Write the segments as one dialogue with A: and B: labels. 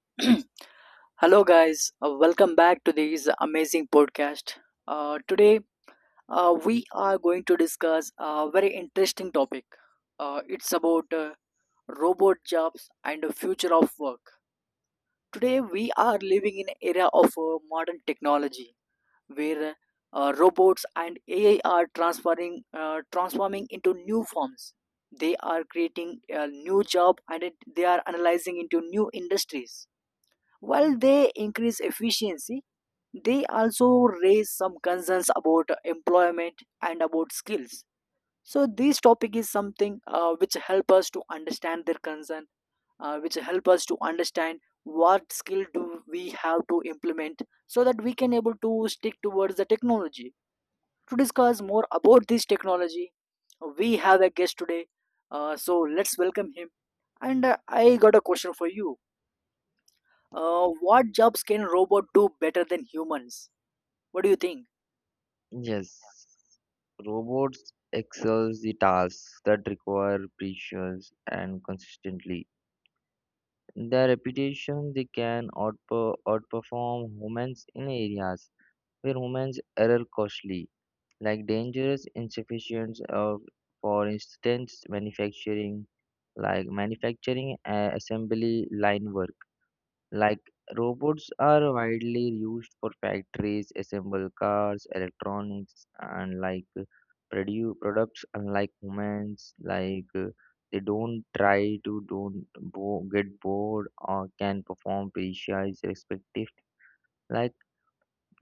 A: Hello, guys. Welcome back to this amazing podcast. Today, we are going to discuss a very interesting topic. It's about robot jobs and the future of work. Today, we are living in an era of modern technology where robots and AI are transforming into new forms. They are creating a new job and they are analyzing into new industries while they increase efficiency, they also raise some concerns about employment and about skills. So this topic is something which help us to understand their concern, which help us to understand what skill do we have to implement so that we can able to stick towards the technology. To discuss more about this technology, we have a guest today. So let's welcome him. And I got a question for you, what jobs can robot do better than humans? What do you think?
B: Yes, robots excel the tasks that require precision and consistency. In their reputation, they can outperform humans in areas where humans error costly, like dangerous insufficiency of, for instance, manufacturing, like manufacturing assembly line work. Like robots are widely used for factories, assemble cars, electronics, and produce products. Unlike humans, they don't try to don't bo- get bored or can perform precise respective like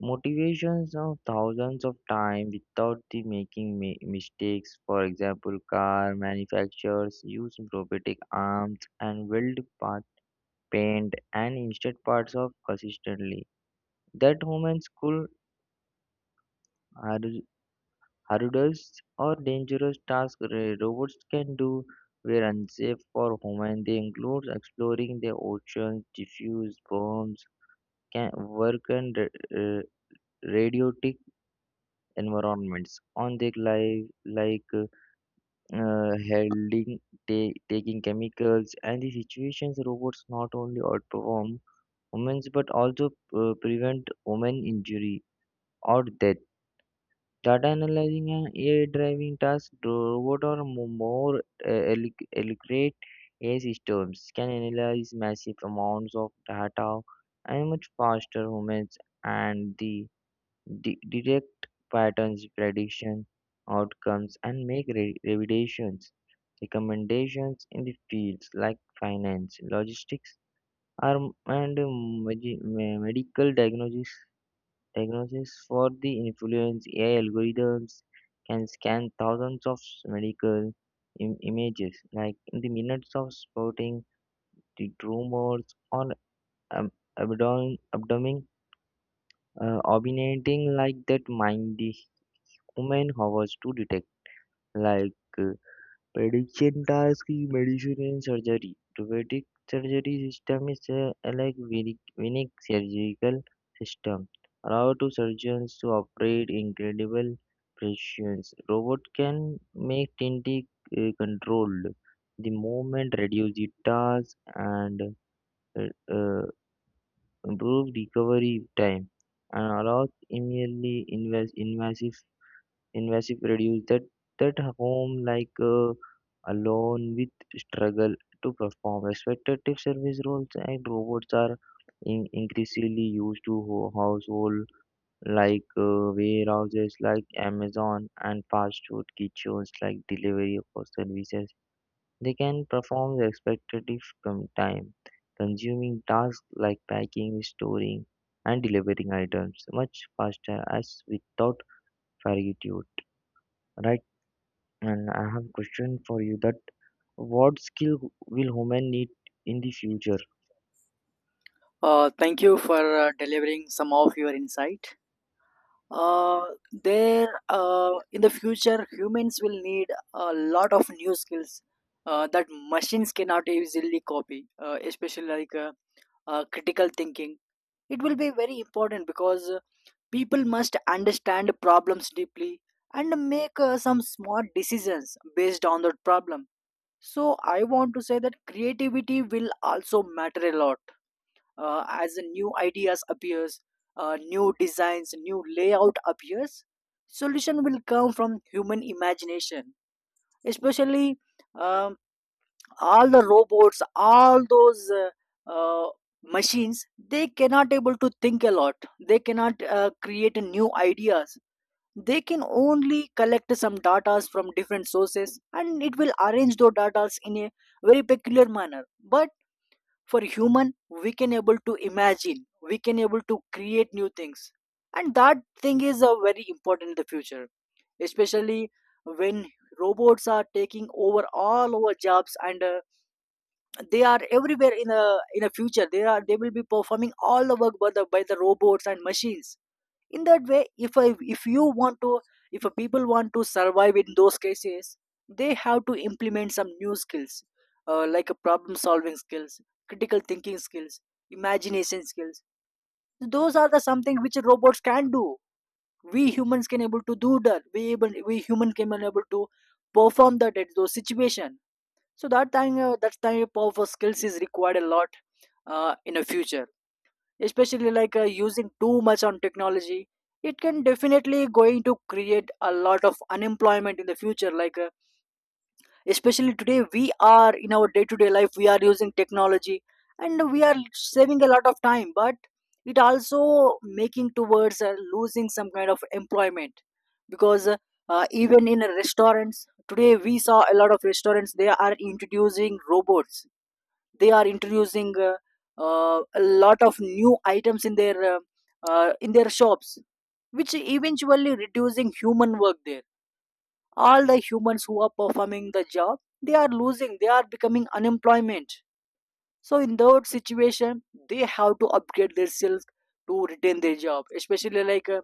B: motivations of thousands of time without the making mistakes. For example, car manufacturers use robotic arms and weld parts paint, and instead parts of consistently. That humans could har- hurdles or dangerous tasks robots can do were unsafe for humans. They include exploring the oceans, diffuse bombs, can work in radiotic environments on their life like handling taking chemicals and the situations robots not only outperform humans but also prevent human injury. Or that data analyzing and AI driving tasks, robot or more eloquent AI systems can analyze massive amounts of data and much faster humans and the detect patterns, prediction outcomes, and make revisions, recommendations in the fields like finance, logistics, arm, and medical diagnosis for the influence, AI algorithms can scan thousands of medical images, like in the minutes of spotting the tumors or um, abdomen, abdomen originating like that mind the human hovers to detect, like. Uh, Prediction tasks in medicine and surgery. Robotic surgery system is like unique surgical system, allow to surgeons to operate incredible precision. Robot can make tinting controlled, the movement, reduce the task, and uh, uh, improve recovery time, and allows immediately invasive reduce that that home alone with struggle to perform expectative service roles and robots are in, increasingly used to household warehouses like amazon and fast food kitchens like delivery for services they can perform the expectative time consuming tasks like packing storing and delivering items much faster as without fatigue, right? And I have a question for you that what skill will human need in the future?
A: Thank you for delivering some of your insight. Uh, in the future, humans will need a lot of new skills that machines cannot easily copy, especially critical thinking. It will be very important because people must understand problems deeply and make some smart decisions based on that problem. So I want to say that creativity will also matter a lot, as new ideas appears, new designs, new layout appears. Solution will come from human imagination, especially um, all the robots, all those uh, uh, machines. They cannot able to think a lot. They cannot create new ideas. They can only collect some datas from different sources and it will arrange those datas in a very peculiar manner, but for human we can able to imagine, we can able to create new things, and that thing is a very important in the future, especially when robots are taking over all our jobs. And they are everywhere. In a future they are they will be performing all the work by the robots and machines. In that way if you want to, if people want to survive in those cases, they have to implement some new skills, like a problem solving skills, critical thinking skills, imagination skills. Those are the something which robots can do. We humans can able to do that. We able we human can able to perform that at those situation. So that time, that type of skills is required a lot in the future, especially like using too much on technology, it can definitely going to create a lot of unemployment in the future. Especially today we are in our day to day life, we are using technology and we are saving a lot of time, but it also making towards losing some kind of employment because even in restaurants today we saw a lot of restaurants they are introducing robots. They are introducing a lot of new items in their shops, which eventually reducing human work there. All the humans who are performing the job, they are losing, they are becoming unemployment. So in that situation, they have to upgrade themselves to retain their job. Especially like a, uh,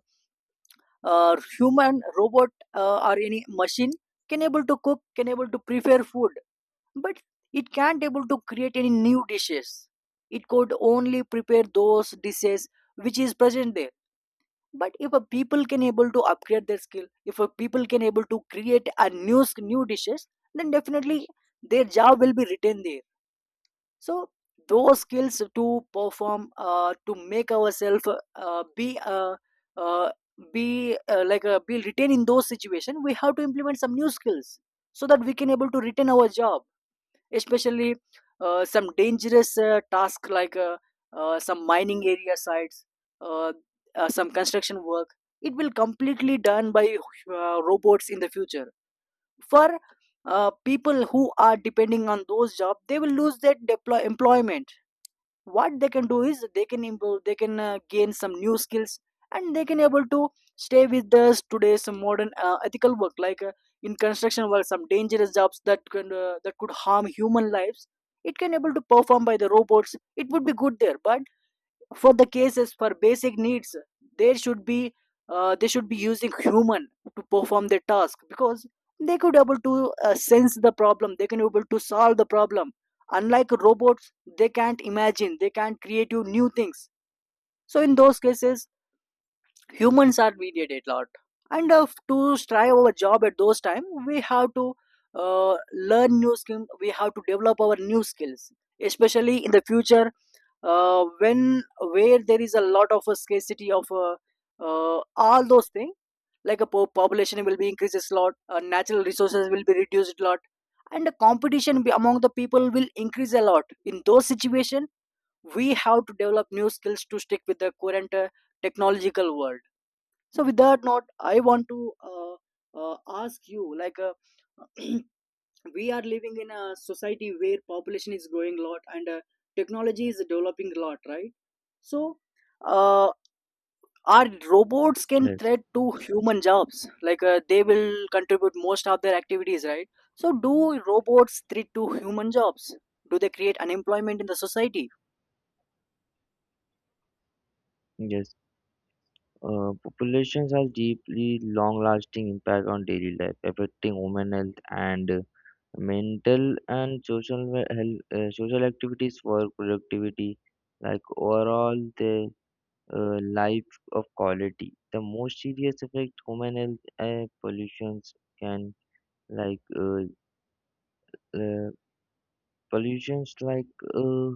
A: uh, human robot or any machine can able to cook, can able to prepare food, but it can't able to create any new dishes. It could only prepare those dishes which is present there. But if a people can able to upgrade their skill, if a people can able to create a new dishes, then definitely their job will be retained there. So those skills to perform, to make ourselves uh, be uh, uh, be retained in those situation, we have to implement some new skills so that we can able to retain our job. Especially some dangerous task like some mining area sites, uh, some construction work, it will completely done by robots in the future. For people who are depending on those jobs, they will lose their employment. What they can do is they can improve, they can gain some new skills, and they can able to stay with us today's modern ethical work. In construction work, some dangerous jobs that can that could harm human lives, it can able to perform by the robots, it would be good there. But for the cases, for basic needs, they should be they should be using human to perform the task, because they could able to sense the problem, they can able to solve the problem, unlike robots. They can't imagine, they can't create you new things. So in those cases, humans are mediated a lot. And to strive our job at those time, we have to learn new skills. We have to develop our new skills, especially in the future when where there is a lot of scarcity of all those things, like a population will be increases a lot, natural resources will be reduced a lot, and the competition among the people will increase a lot. In those situation we have to develop new skills to stick with the current technological world. So with that note, I want to uh, ask you like we are living in a society where population is growing a lot, and technology is developing a lot, right? So uh, our robots can
B: Yes,
A: threat to human jobs, like they will contribute most of their activities, right? So do robots threat to human jobs? Do they create unemployment in the society?
B: yes. Populations has deeply long-lasting impact on daily life, affecting human health and mental and health, social activities, work productivity. Like overall, the life of quality. The most serious effect human health pollutions can like uh, uh, pollutions like. Uh,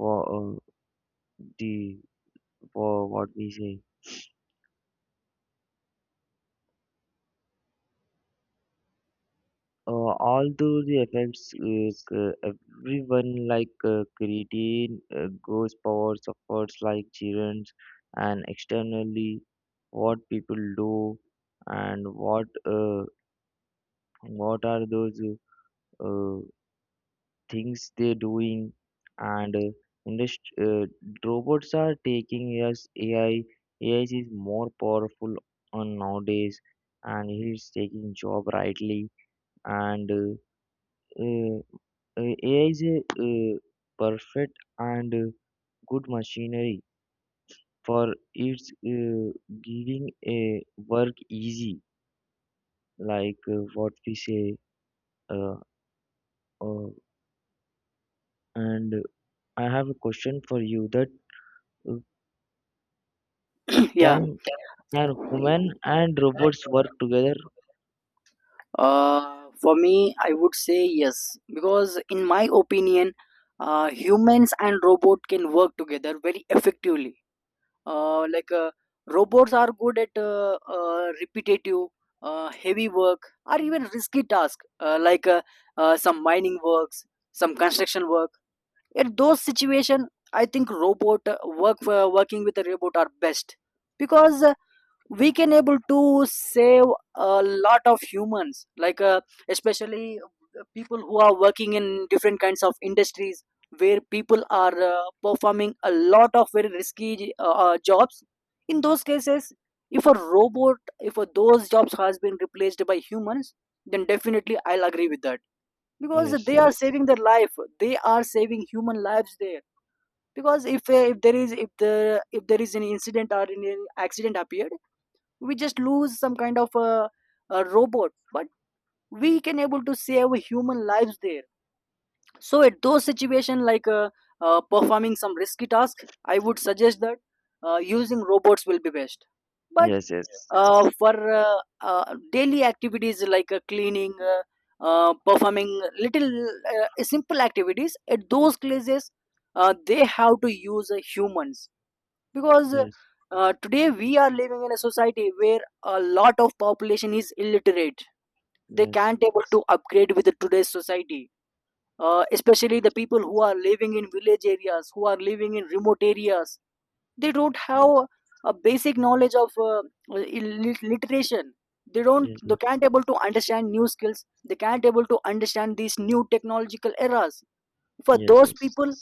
B: wa- uh, the what we say all through the effects everyone creatine goes power suffers like children and externally what people do and what are those uh, things they're doing and industry, robots are taking us AI. AI is more powerful on nowadays and he's taking job rightly and uh, AI is a perfect and good machinery for it's giving a work easy what we say uh, uh, and I have a question for you that uh, okay.
A: Yeah.
B: Can human and robots work together?
A: For me, I would say yes, because in my opinion, humans and robot can work together very effectively. Uh, like uh, Robots are good at repetitive, heavy work, or even risky tasks, some mining works, some construction work. In those situations, I think robot work working with a robot are best, because we can able to save a lot of humans. Especially people who are working in different kinds of industries, where people are performing a lot of very risky jobs. In those cases, if a robot, if a, those jobs has been replaced by humans, then definitely I'll agree with that, because
B: Yes,
A: they are
B: yes,
A: saving their life, they are saving human lives there. Because if there is, if the, if there is an incident or an accident appeared, we just lose some kind of a robot, but we can able to save human lives there. So at those situation, like performing some risky task, I would suggest that using robots will be best. But
B: yes, yes.
A: for daily activities like cleaning, performing little simple activities at those places, they have to use humans, because
B: Yes,
A: today we are living in a society where a lot of population is illiterate. They
B: yes,
A: can't able to upgrade with the today's society. Especially the people who are living in village areas, who are living in remote areas, they don't have
B: yes,
A: a basic knowledge of literation. They don't,
B: yes,
A: they
B: yes,
A: can't able to understand new skills, they can't able to understand these new technological eras. For
B: yes,
A: those
B: yes.
A: people,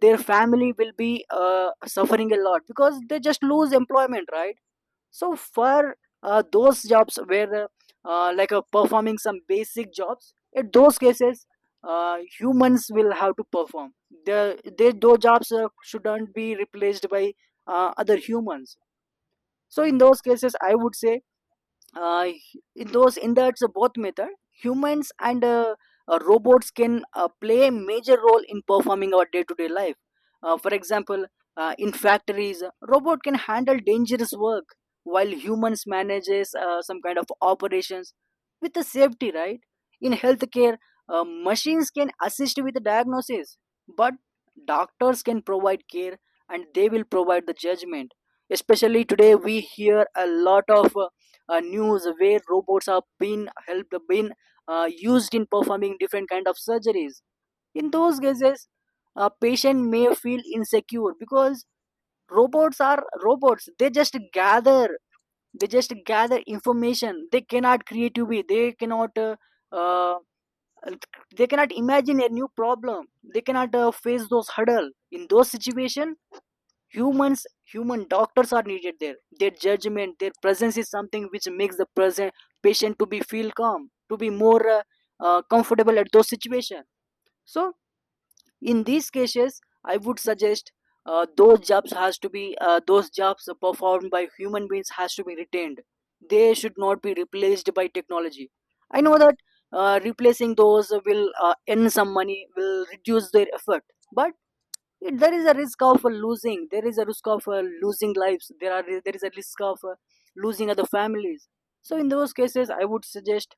A: their family will be suffering a lot, because they just lose employment, right? So for those jobs where performing some basic jobs, in those cases, humans will have to perform they, those jobs shouldn't be replaced by other humans. So in those cases I would say, uh, in that so both method, humans and robots can play a major role in performing our day-to-day life. For example, in factories robot can handle dangerous work, while humans manages some kind of operations with the safety, right? In healthcare, machines can assist with the diagnosis, but doctors can provide care, and they will provide the judgment. Especially today we hear a lot of news where robots have been helped been used in performing different kind of surgeries. In those cases, a patient may feel insecure because robots, they just gather, they just gather information. They cannot creatively, uh, they cannot imagine a new problem. They cannot face those hurdle. In those situation, humans, human doctors are needed there. Their judgment, their presence is something which makes the present patient to be feel calm, to be more comfortable at those situations. So in these cases I would suggest, those jobs has to be, those jobs performed by human beings has to be retained. They should not be replaced by technology. I know that replacing those will earn some money, will reduce their effort, but there is a risk of losing, there is a risk of losing lives, there are, there is a risk of losing other families. So in those cases I would suggest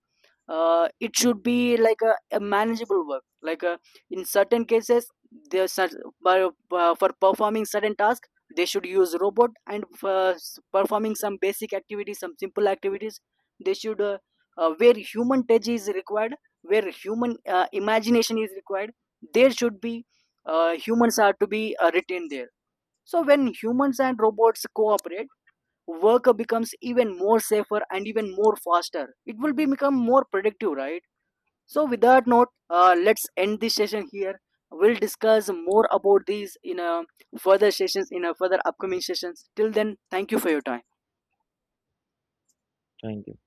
A: it should be like a manageable work. In certain cases, there cer- by- for performing certain tasks, they should use robot. And for performing some basic activities, some simple activities, they should where human touch is required, where human imagination is required, there should be humans are to be retained there. So when humans and robots cooperate, work becomes even more safer and even more faster. It will be become more productive, right? So with that note, let's end this session here. We'll discuss more about these in a further sessions, in a further upcoming sessions. Till then, thank you for your time.
B: Thank you.